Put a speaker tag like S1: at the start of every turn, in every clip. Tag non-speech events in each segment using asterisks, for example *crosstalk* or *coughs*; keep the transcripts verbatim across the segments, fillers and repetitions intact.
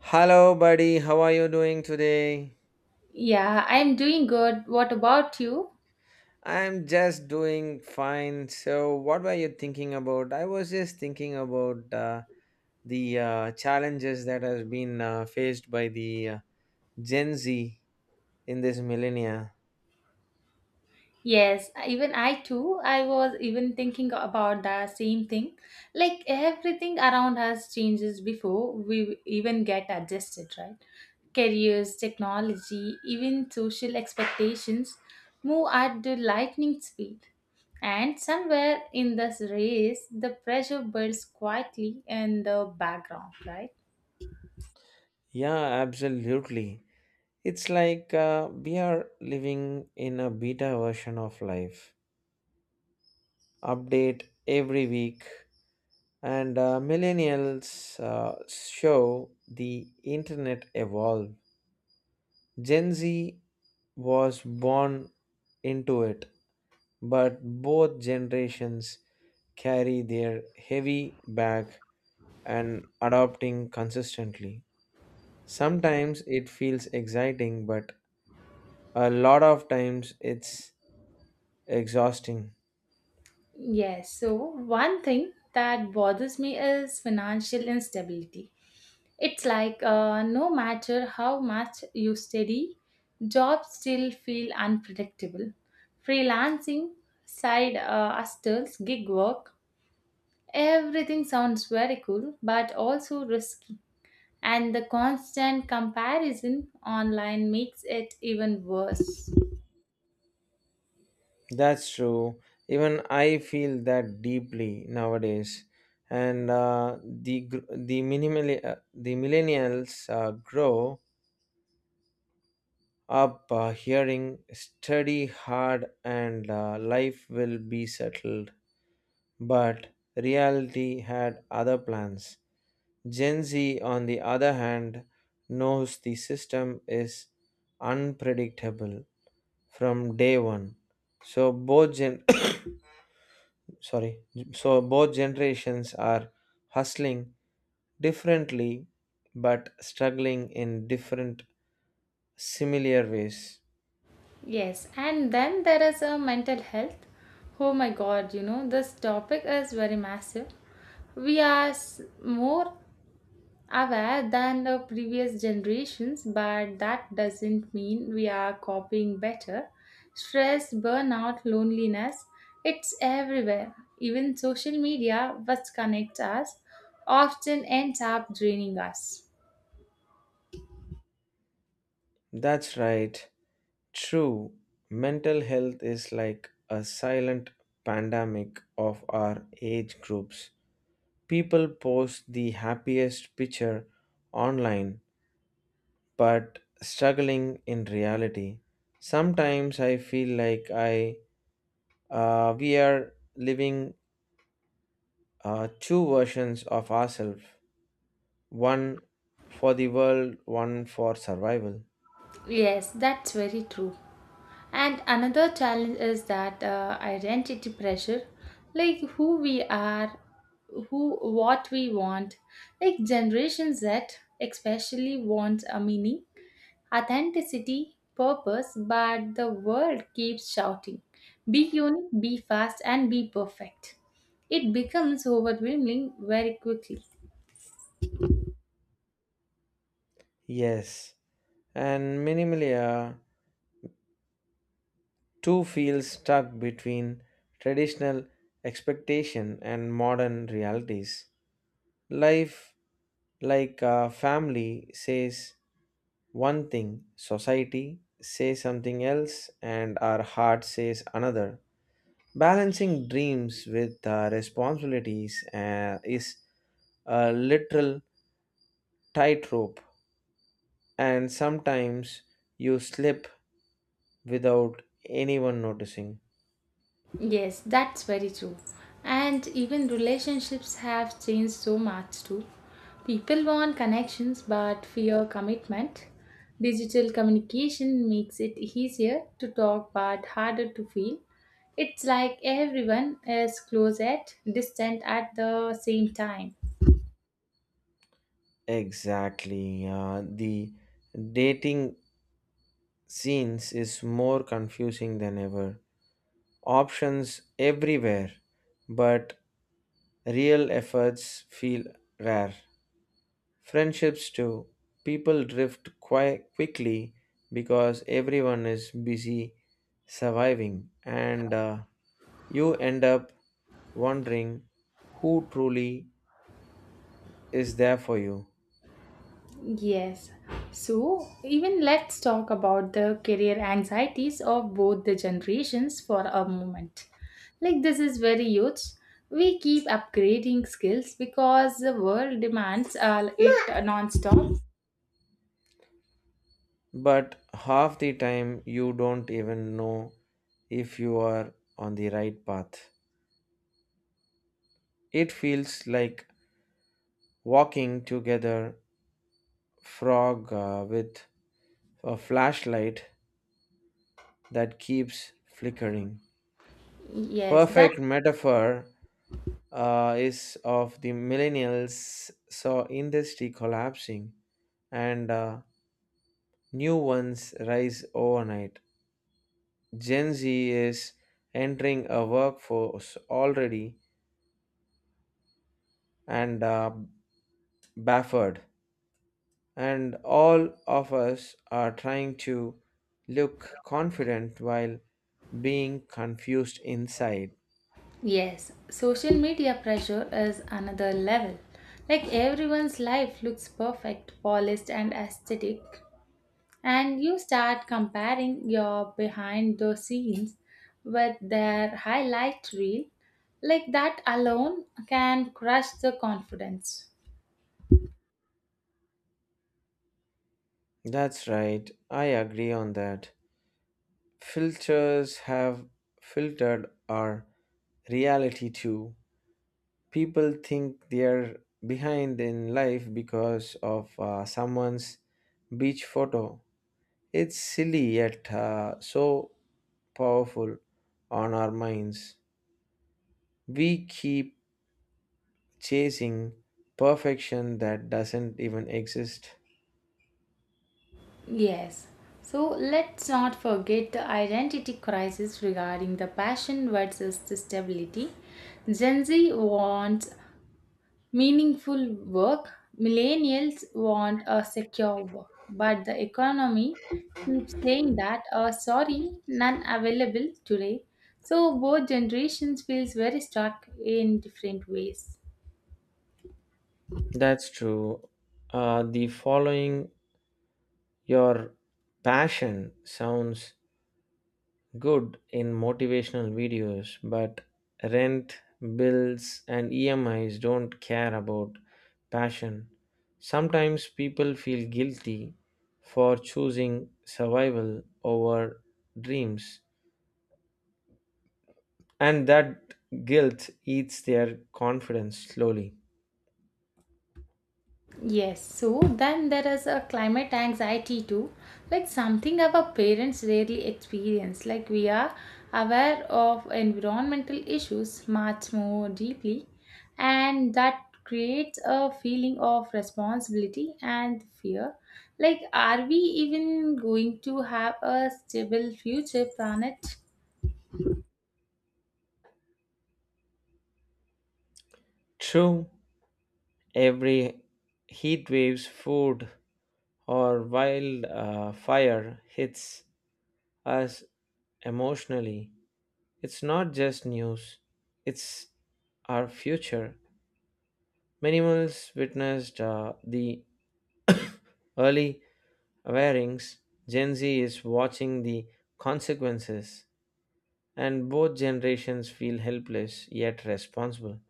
S1: Hello, buddy. How are you doing today?
S2: Yeah, I'm doing good. What about you?
S1: I'm just doing fine. So, what were you thinking about? I was just thinking about uh, the uh, challenges that has been uh, faced by the uh, Gen Z in this millennia.
S2: Yes, even I too. I was even thinking about the same thing. Like everything around us changes before we even get adjusted, right? Careers, technology, even social expectations move at the lightning speed. And somewhere in this race, the pressure builds quietly in the background, right?
S1: Yeah, absolutely. It's like uh, we are living in a beta version of life. Update every week, and uh, millennials uh, show the internet evolve. Gen Z was born into it, but both generations carry their heavy bag and adopting consistently. Sometimes it feels exciting, but a lot of times it's exhausting.
S2: Yes, so one thing that bothers me is financial instability. It's like uh, no matter how much you study, jobs still feel unpredictable. Freelancing, side uh, hustles, gig work, everything sounds very cool but also risky. And the constant comparison online makes it even worse.
S1: That's true. Even I feel that deeply nowadays. And uh, the gr- the minimally uh, the millennials uh, grow up uh, hearing study hard and uh, life will be settled, but reality had other plans. Gen Z, on the other hand, knows the system is unpredictable from day one. So both gen *coughs* sorry, so both generations are hustling differently, but struggling in different, similar ways.
S2: Yes, and then there is a mental health. Oh my god, you know, this topic is very massive. We are s- more aware than the previous generations, but that doesn't mean we are copying better. Stress, burnout, loneliness, it's everywhere. Even social media, which connects us, often ends up draining us.
S1: That's right. True, mental health is like a silent pandemic of our age groups. People post the happiest picture online but struggling in reality. Sometimes I feel like I uh, we are living uh, two versions of ourselves, one for the world, one for survival.
S2: Yes, that's very true. And another challenge is that uh, identity pressure, like who we are, who what we want. Like Generation Z especially wants a meaning, authenticity, purpose, but the world keeps shouting, be unique, be fast, and be perfect. It becomes overwhelming very quickly.
S1: Yes, and minimally uh, too feel stuck between traditional expectation and modern realities. Life, like a family, says one thing, society says something else, and our heart says another. Balancing dreams with uh, responsibilities uh, is a literal tightrope, and sometimes you slip without anyone noticing.
S2: Yes, that's very true. And even relationships have changed so much too. People want connections but fear commitment. Digital communication makes it easier to talk but harder to feel. It's like everyone is close at distant at the same time.
S1: Exactly. Uh, the dating scenes is more confusing than ever. Options everywhere, but real efforts feel rare. Friendships too. People drift quite quickly because everyone is busy surviving, and uh, you end up wondering who truly is there for you.
S2: Yes. So, even let's talk about the career anxieties of both the generations for a moment. Like, this is very huge. We keep upgrading skills because the world demands uh, it non stop.
S1: But half the time, you don't even know if you are on the right path. It feels like walking together, frog uh, with a flashlight that keeps flickering.
S2: Yes, that
S1: Perfect metaphor uh, is of the millennials saw industry collapsing and uh, new ones rise overnight. Gen Z is entering a workforce already and uh, baffled, and all of us are trying to look confident while being confused inside.
S2: yes. Social media pressure is another level. Like everyone's life looks perfect, polished and aesthetic. And you start comparing your behind the scenes with their highlight reel. Like that alone can crush the confidence.
S1: That's right, I agree on that. Filters have filtered our reality too. People think they're behind in life because of uh, someone's beach photo. It's silly yet uh, so powerful on our minds. We keep chasing perfection that doesn't even exist.
S2: Yes. So let's not forget the identity crisis regarding the passion versus the stability. Gen Z wants meaningful work. Millennials want a secure work, but the economy keeps saying that, uh, sorry, none available today. So both generations feels very stuck in different ways.
S1: That's true. Uh, the following your passion sounds good in motivational videos, but rent, bills, and E M Is don't care about passion. Sometimes people feel guilty for choosing survival over dreams. And that guilt eats their confidence slowly.
S2: Yes, so then there is a climate anxiety too, like something our parents rarely experience. Like we are aware of environmental issues much more deeply, and that creates a feeling of responsibility and fear. Like, are we even going to have a stable future planet?
S1: True, every heat waves, food, or wild uh, fire hits us emotionally. It's not just news, it's our future. Minimals witnessed uh, the early awarenings. Gen Z is watching the consequences, and both generations feel helpless yet responsible.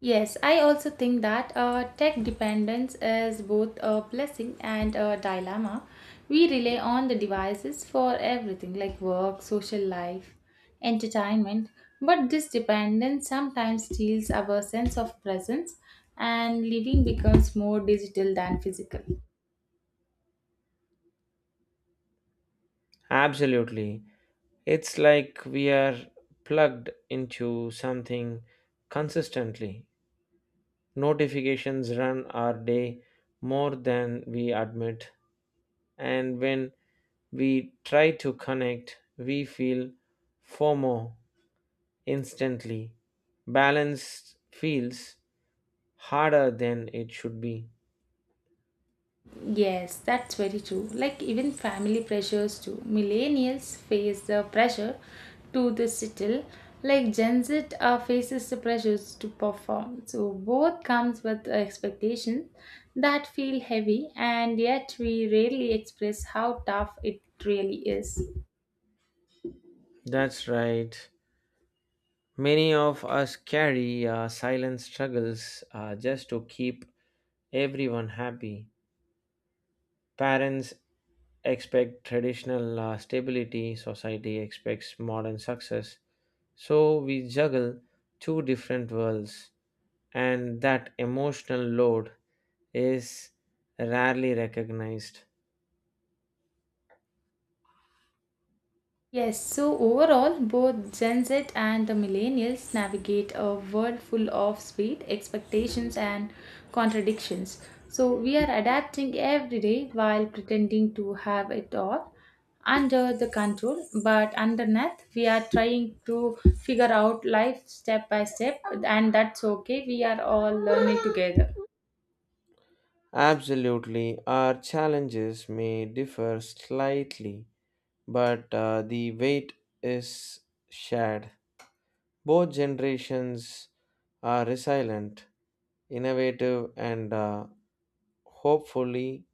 S2: Yes, I also think that uh, tech dependence is both a blessing and a dilemma. We rely on the devices for everything like work, social life, entertainment, but this dependence sometimes steals our sense of presence and living becomes more digital than physical.
S1: Absolutely. It's like we are plugged into something consistently. Notifications run our day more than we admit, and when we try to connect, we feel FOMO instantly. Balance feels harder than it should be.
S2: Yes, that's very true. Like even family pressures too. Millennials face the pressure to the settle, like Gen Z uh, faces the pressures to perform. So both comes with expectations that feel heavy, and yet we rarely express how tough it really is.
S1: That's right. Many of us carry uh, silent struggles uh, just to keep everyone happy. Parents expect traditional uh, stability, society expects modern success. So we juggle two different worlds, and that emotional load is rarely recognized.
S2: Yes, so overall, both Gen Z and the millennials navigate a world full of speed, expectations, and contradictions. So we are adapting every day while pretending to have it all under the control, but underneath, we are trying to figure out life step by step, and that's okay. We are all learning together.
S1: Absolutely, our challenges may differ slightly, but uh, the weight is shared. Both generations are resilient, innovative, and uh, hopefully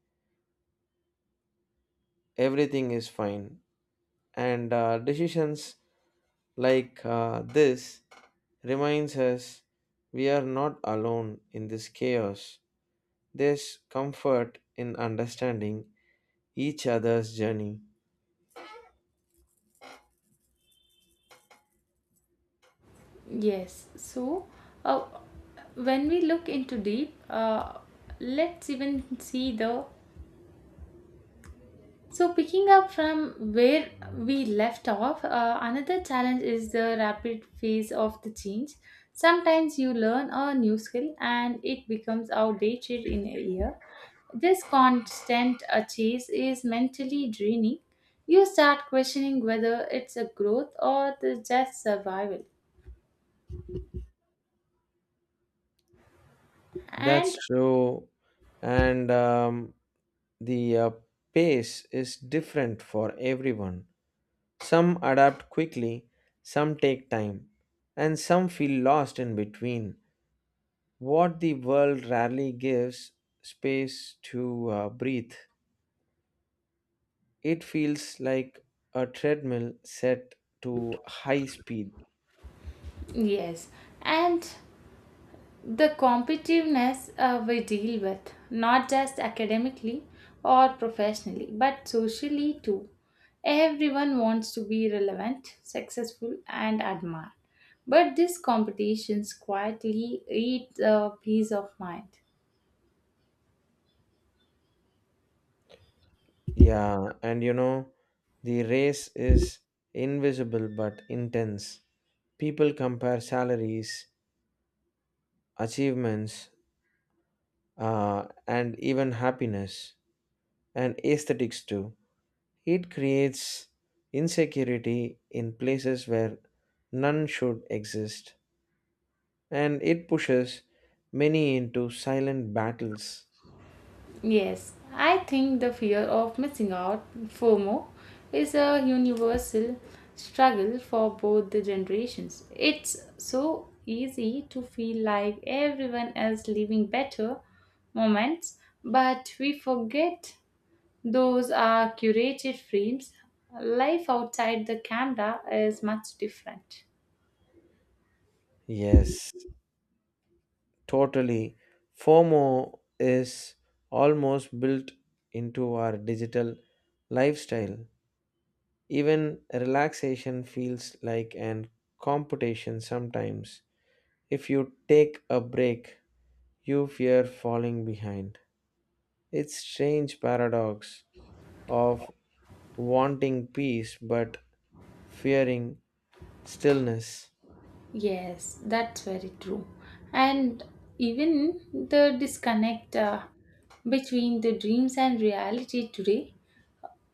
S1: everything is fine. And uh, decisions like uh, this reminds us we are not alone in this chaos. There's comfort in understanding each other's journey.
S2: Yes. So, uh, when we look into deep, uh, let's even see the So, picking up from where we left off, uh, another challenge is the rapid phase of the change. Sometimes you learn a new skill and it becomes outdated in a year. This constant uh, chase is mentally draining. You start questioning whether it's a growth or the just survival.
S1: That's
S2: And
S1: true. And um, the uh, pace is different for everyone. Some adapt quickly, some take time, and some feel lost in between. What the world rarely gives space to uh, breathe. It feels like a treadmill set to high speed.
S2: yes, and The competitiveness uh, we deal with, not just academically or professionally, but socially too. Everyone wants to be relevant, successful, and admired. But these competitions quietly eat a peace of mind.
S1: Yeah, and you know, the race is invisible but intense. People compare salaries, achievements, uh, and even happiness and aesthetics too. It creates insecurity in places where none should exist, and it pushes many into silent battles.
S2: Yes, I think the fear of missing out, FOMO, is a universal struggle for both the generations. It's so easy to feel like everyone else living better moments, but we forget those are curated frames. Life outside the camera is much different.
S1: Yes. Totally. FOMO is almost built into our digital lifestyle. Even relaxation feels like an competition sometimes. If you take a break, you fear falling behind. It's strange paradox of wanting peace but fearing stillness.
S2: Yes, that's very true. And even the disconnect uh, between the dreams and reality today,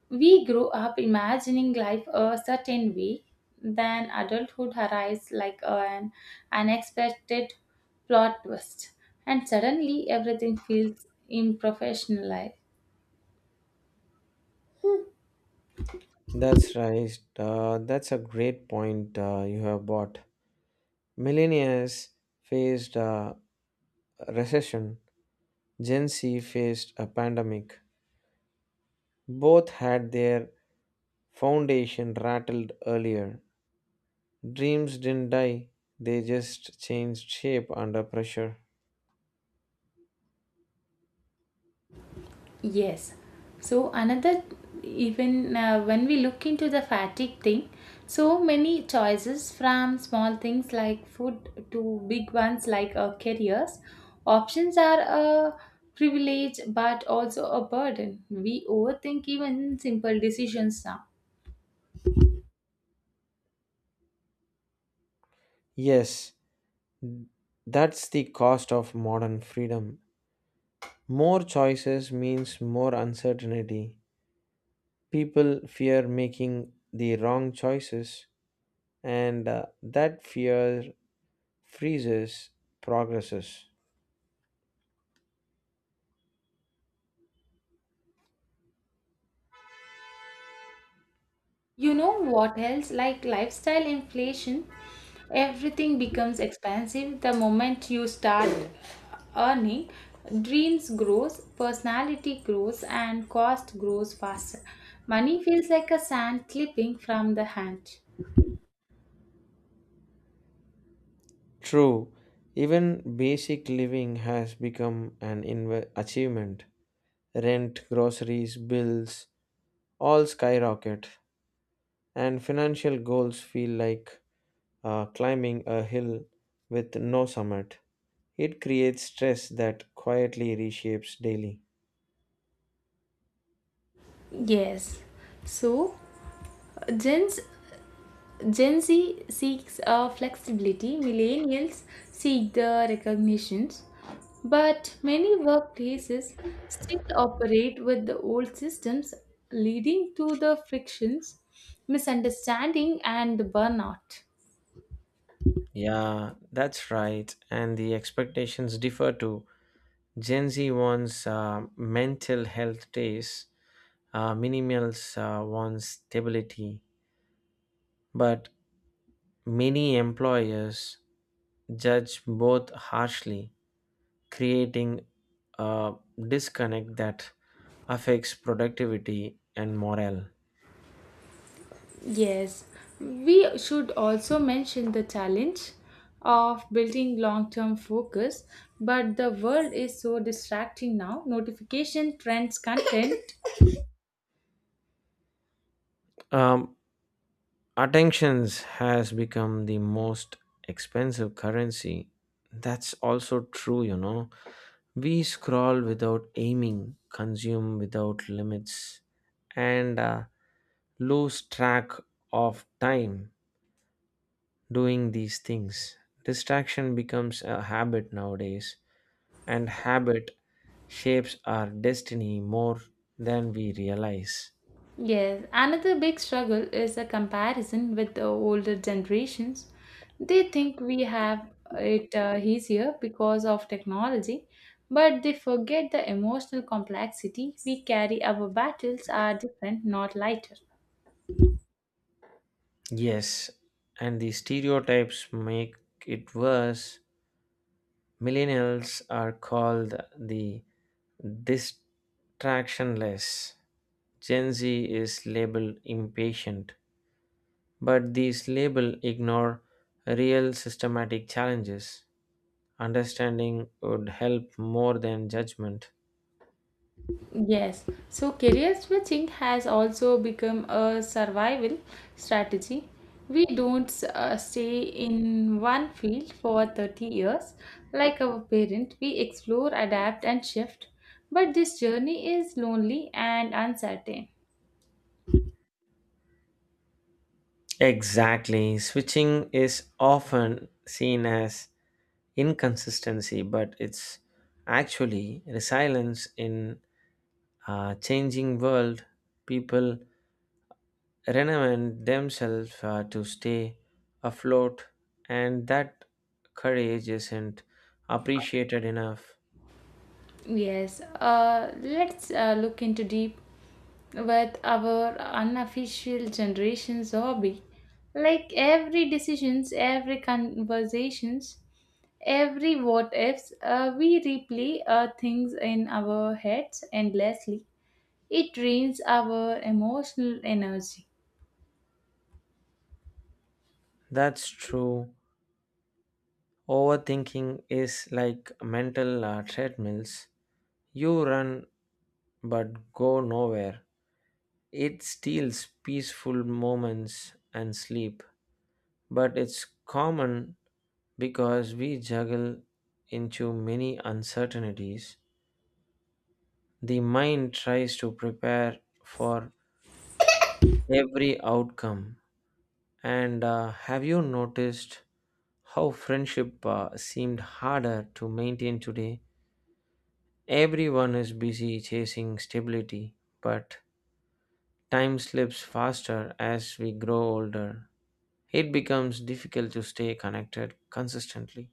S2: we grow up imagining life a certain way, then adulthood arrives like an unexpected plot twist, and suddenly everything feels unprofessionalized.
S1: That's right. Uh, that's a great point uh, you have brought. Millennials faced a recession, Gen Z faced a pandemic. Both had their foundation rattled earlier. Dreams didn't die, they just changed shape under pressure.
S2: Yes. So another even uh, When we look into the fatigue thing, so many choices from small things like food to big ones like uh, careers, options are a privilege but also a burden. We overthink even simple decisions now.
S1: Yes, that's the cost of modern freedom. More choices means more uncertainty. People fear making the wrong choices, and uh, that fear freezes progresses.
S2: You know what else? Like lifestyle inflation, everything becomes expensive the moment you start earning. Dreams grows, personality grows, and cost grows faster. Money feels like a sand slipping from the hand.
S1: True, even basic living has become an inve- achievement. Rent, groceries, bills, all skyrocket, and financial goals feel like uh, climbing a hill with no summit. It creates stress that quietly reshapes daily.
S2: Yes. So, Jen's Gen Z seeks uh, flexibility, millennials seek the recognitions, but many workplaces still operate with the old systems, leading to the frictions, misunderstanding, and the burnout.
S1: Yeah, that's right. And the expectations differ too. Gen Z wants uh, mental health days, uh, millennials uh, wants stability. But many employers judge both harshly, creating a disconnect that affects productivity and morale.
S2: Yes, we should also mention the challenge of building long term focus, but the world is so distracting now. Notification, trends, content.
S1: Um, attentions has become the most expensive currency. That's also true, you know. We scroll without aiming, consume without limits, and uh, lose track of time doing these things. Distraction becomes a habit nowadays, and habit shapes our destiny more than we realize.
S2: Yes, another big struggle is the comparison with the older generations. They think we have it uh, easier because of technology, but they forget the emotional complexity we carry. Our battles are different, not lighter.
S1: Yes, and the stereotypes make it worse. Millennials are called the distractionless. Gen Z is labeled impatient, but these labels ignore real systematic challenges. Understanding would help more than judgment.
S2: Yes, so career switching has also become a survival strategy. We don't uh, stay in one field for thirty years like our parent. We explore, adapt, and shift. But this journey is lonely and uncertain.
S1: Exactly. Switching is often seen as inconsistency, but it's actually resilience in a changing world. People renovate themselves uh, to stay afloat, and that courage isn't appreciated enough.
S2: Yes, uh, let's uh, look into deep with our unofficial generation's hobby. Like every decisions, every conversations, every what ifs uh, we replay uh, things in our heads endlessly. It drains our emotional energy.
S1: That's true. Overthinking is like mental uh, treadmills. You run but go nowhere. It steals peaceful moments and sleep, but it's common because we juggle into many uncertainties. The mind tries to prepare for every outcome. And uh, have you noticed how friendship uh, seemed harder to maintain today? Everyone is busy chasing stability, but time slips faster as we grow older. It becomes difficult to stay connected consistently.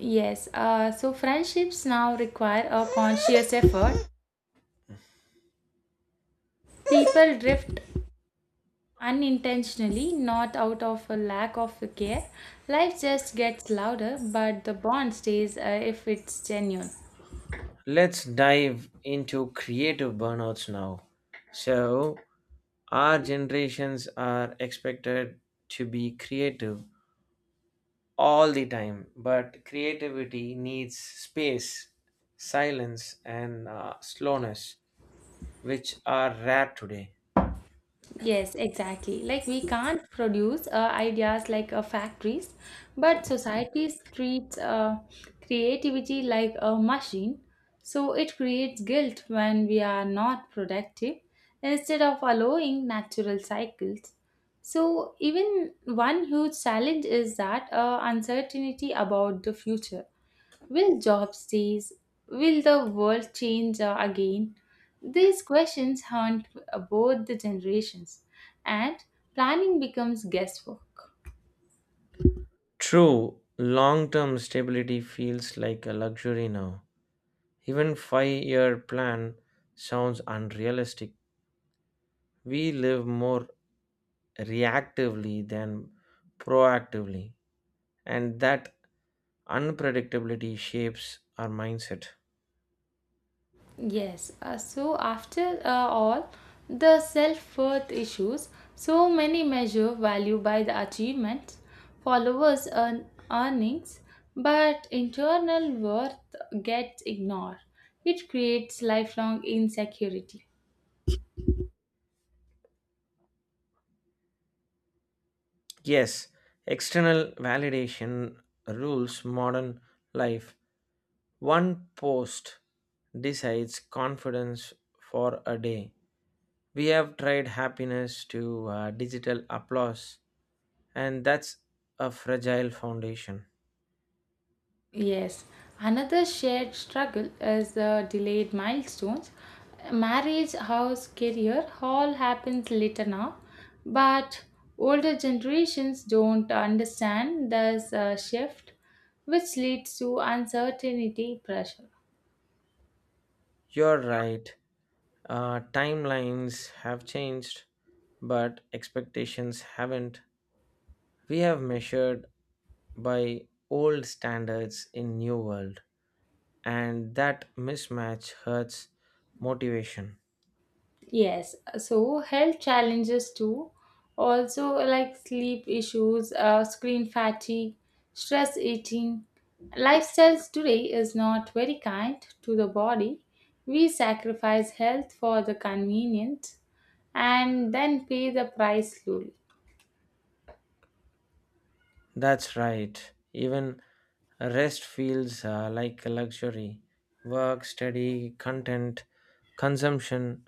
S2: Yes, uh, so friendships now require a conscious effort. People drift unintentionally, not out of a lack of care. Life just gets louder but the bond stays uh, if it's genuine.
S1: Let's dive into creative burnouts now. So, our generations are expected to be creative all the time, but creativity needs space, silence, and uh, slowness, which are rare today.
S2: Yes, exactly. Like we can't produce uh, ideas like uh, factories, but society treats uh, creativity like a machine. So it creates guilt when we are not productive instead of allowing natural cycles. So even one huge challenge is that uh, uncertainty about the future. Will jobs cease? Will the world change uh, again? These questions haunt uh, both the generations, and planning becomes guesswork.
S1: True, long term stability feels like a luxury now. Even five year plan sounds unrealistic. We live more reactively than proactively, and that unpredictability shapes our mindset.
S2: Yes, uh, so after uh, all, the self worth issues, so many measure value by the achievements, followers, earn earnings, but internal worth gets ignored. It creates lifelong insecurity.
S1: Yes, external validation rules modern life. One post decides confidence for a day. We have tried happiness to uh, digital applause, and that's a fragile foundation.
S2: Yes, another shared struggle is the delayed milestones. Marriage, house, career all happens later now, but older generations don't understand this uh, shift, which leads to uncertainty pressure.
S1: You're right. Uh, timelines have changed, but expectations haven't. We have measured by old standards in new world, and that mismatch hurts motivation.
S2: Yes, so health challenges too. Also, like sleep issues, uh, screen fatigue, stress eating. Lifestyles today is not very kind to the body. We sacrifice health for the convenience and then pay the price slowly.
S1: That's right. Even rest feels uh, like a luxury. Work, study, content, consumption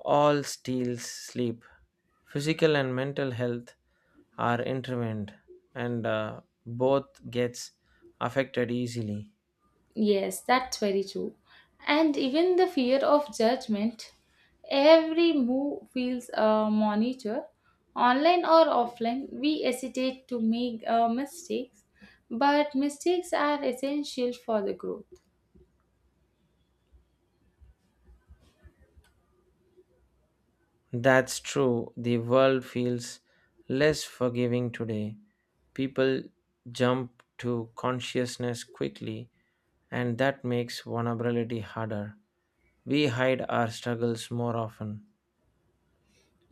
S1: all steals sleep. Physical and mental health are intertwined, and uh, both gets affected easily.
S2: Yes, that's very true. And even the fear of judgment, every move feels a monitor. Online or offline, we hesitate to make uh, mistakes, but mistakes are essential for the growth.
S1: That's true. The world feels less forgiving today. People jump to consciousness quickly, and that makes vulnerability harder. We hide our struggles more often.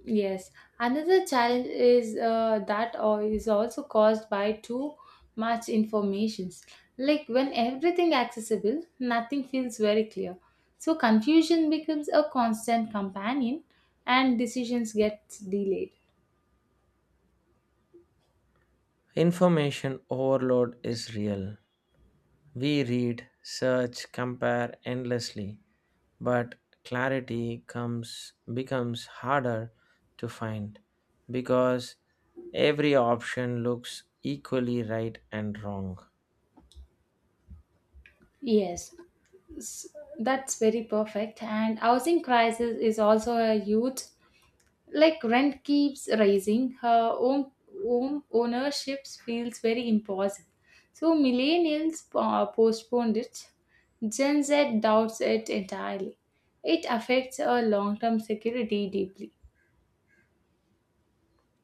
S2: Yes, another challenge is uh, that or is also caused by too much informations. Like when everything accessible, nothing feels very clear. So confusion becomes a constant companion, and decisions get delayed.
S1: Information overload is real. We read, search, compare endlessly, but clarity comes becomes harder to find, because every option looks equally right and wrong.
S2: Yes, s- that's very perfect. And housing crisis is also a huge, like rent keeps rising her own, own ownership feels very impossible, so millennials uh, postponed it. Gen Z doubts it entirely. It affects our long-term security deeply.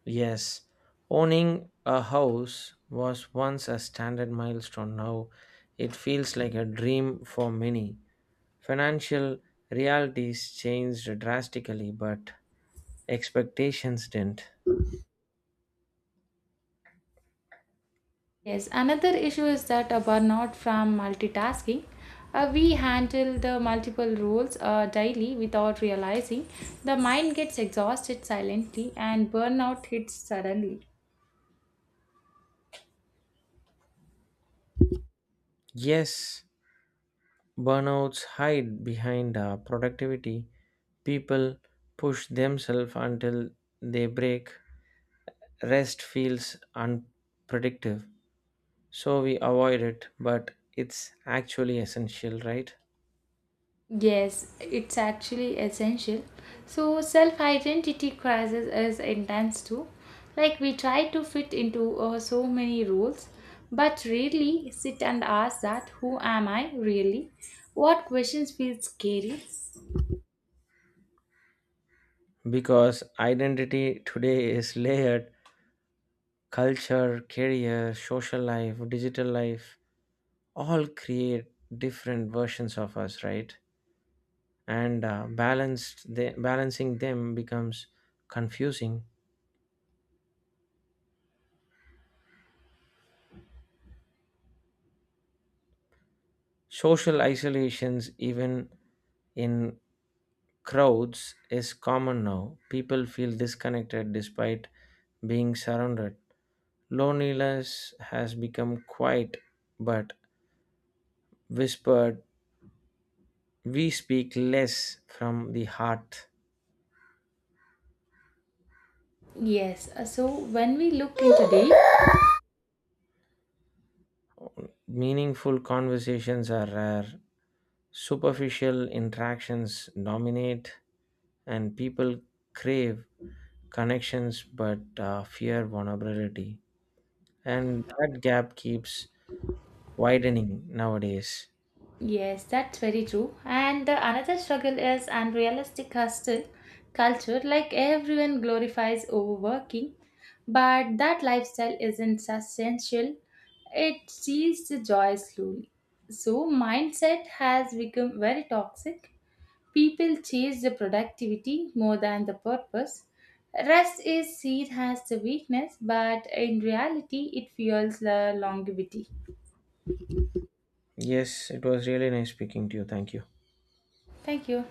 S1: Yes, owning a house was once a standard milestone. Now it feels like a dream for many. Financial realities changed drastically, but expectations didn't.
S2: Yes, another issue is that a burnout from multitasking. Uh, we handle the multiple roles uh, daily without realizing. The mind gets exhausted silently and burnout hits suddenly.
S1: Yes, burnouts hide behind uh, productivity. People push themselves until they break. Rest feels unproductive, so we avoid it, but it's actually essential, right?
S2: Yes, it's actually essential. So, self identity crisis is intense too. Like, we try to fit into uh, so many roles, but rarely sit and ask that who am I really? What questions feel scary?
S1: Because identity today is layered, culture, career, social life, digital life, all create different versions of us, right? And uh, balanced the, balancing them becomes confusing. Social isolations, even in crowds, is common now. People feel disconnected despite being surrounded. Loneliness has become quiet, but whispered. We speak less from the heart.
S2: Yes, uh, so when we look into deep.
S1: Meaningful conversations are rare. Superficial interactions dominate, and people crave connections but uh, fear vulnerability. And that gap keeps widening nowadays.
S2: Yes, that's very true. And the another struggle is unrealistic hustle culture. Like everyone glorifies overworking, but that lifestyle isn't essential. It steals the joy slowly. So mindset has become very toxic. People chase the productivity more than the purpose. Rest is seen as the weakness, but in reality, it fuels the longevity.
S1: Yes, it was really nice speaking to you. Thank you.
S2: Thank you.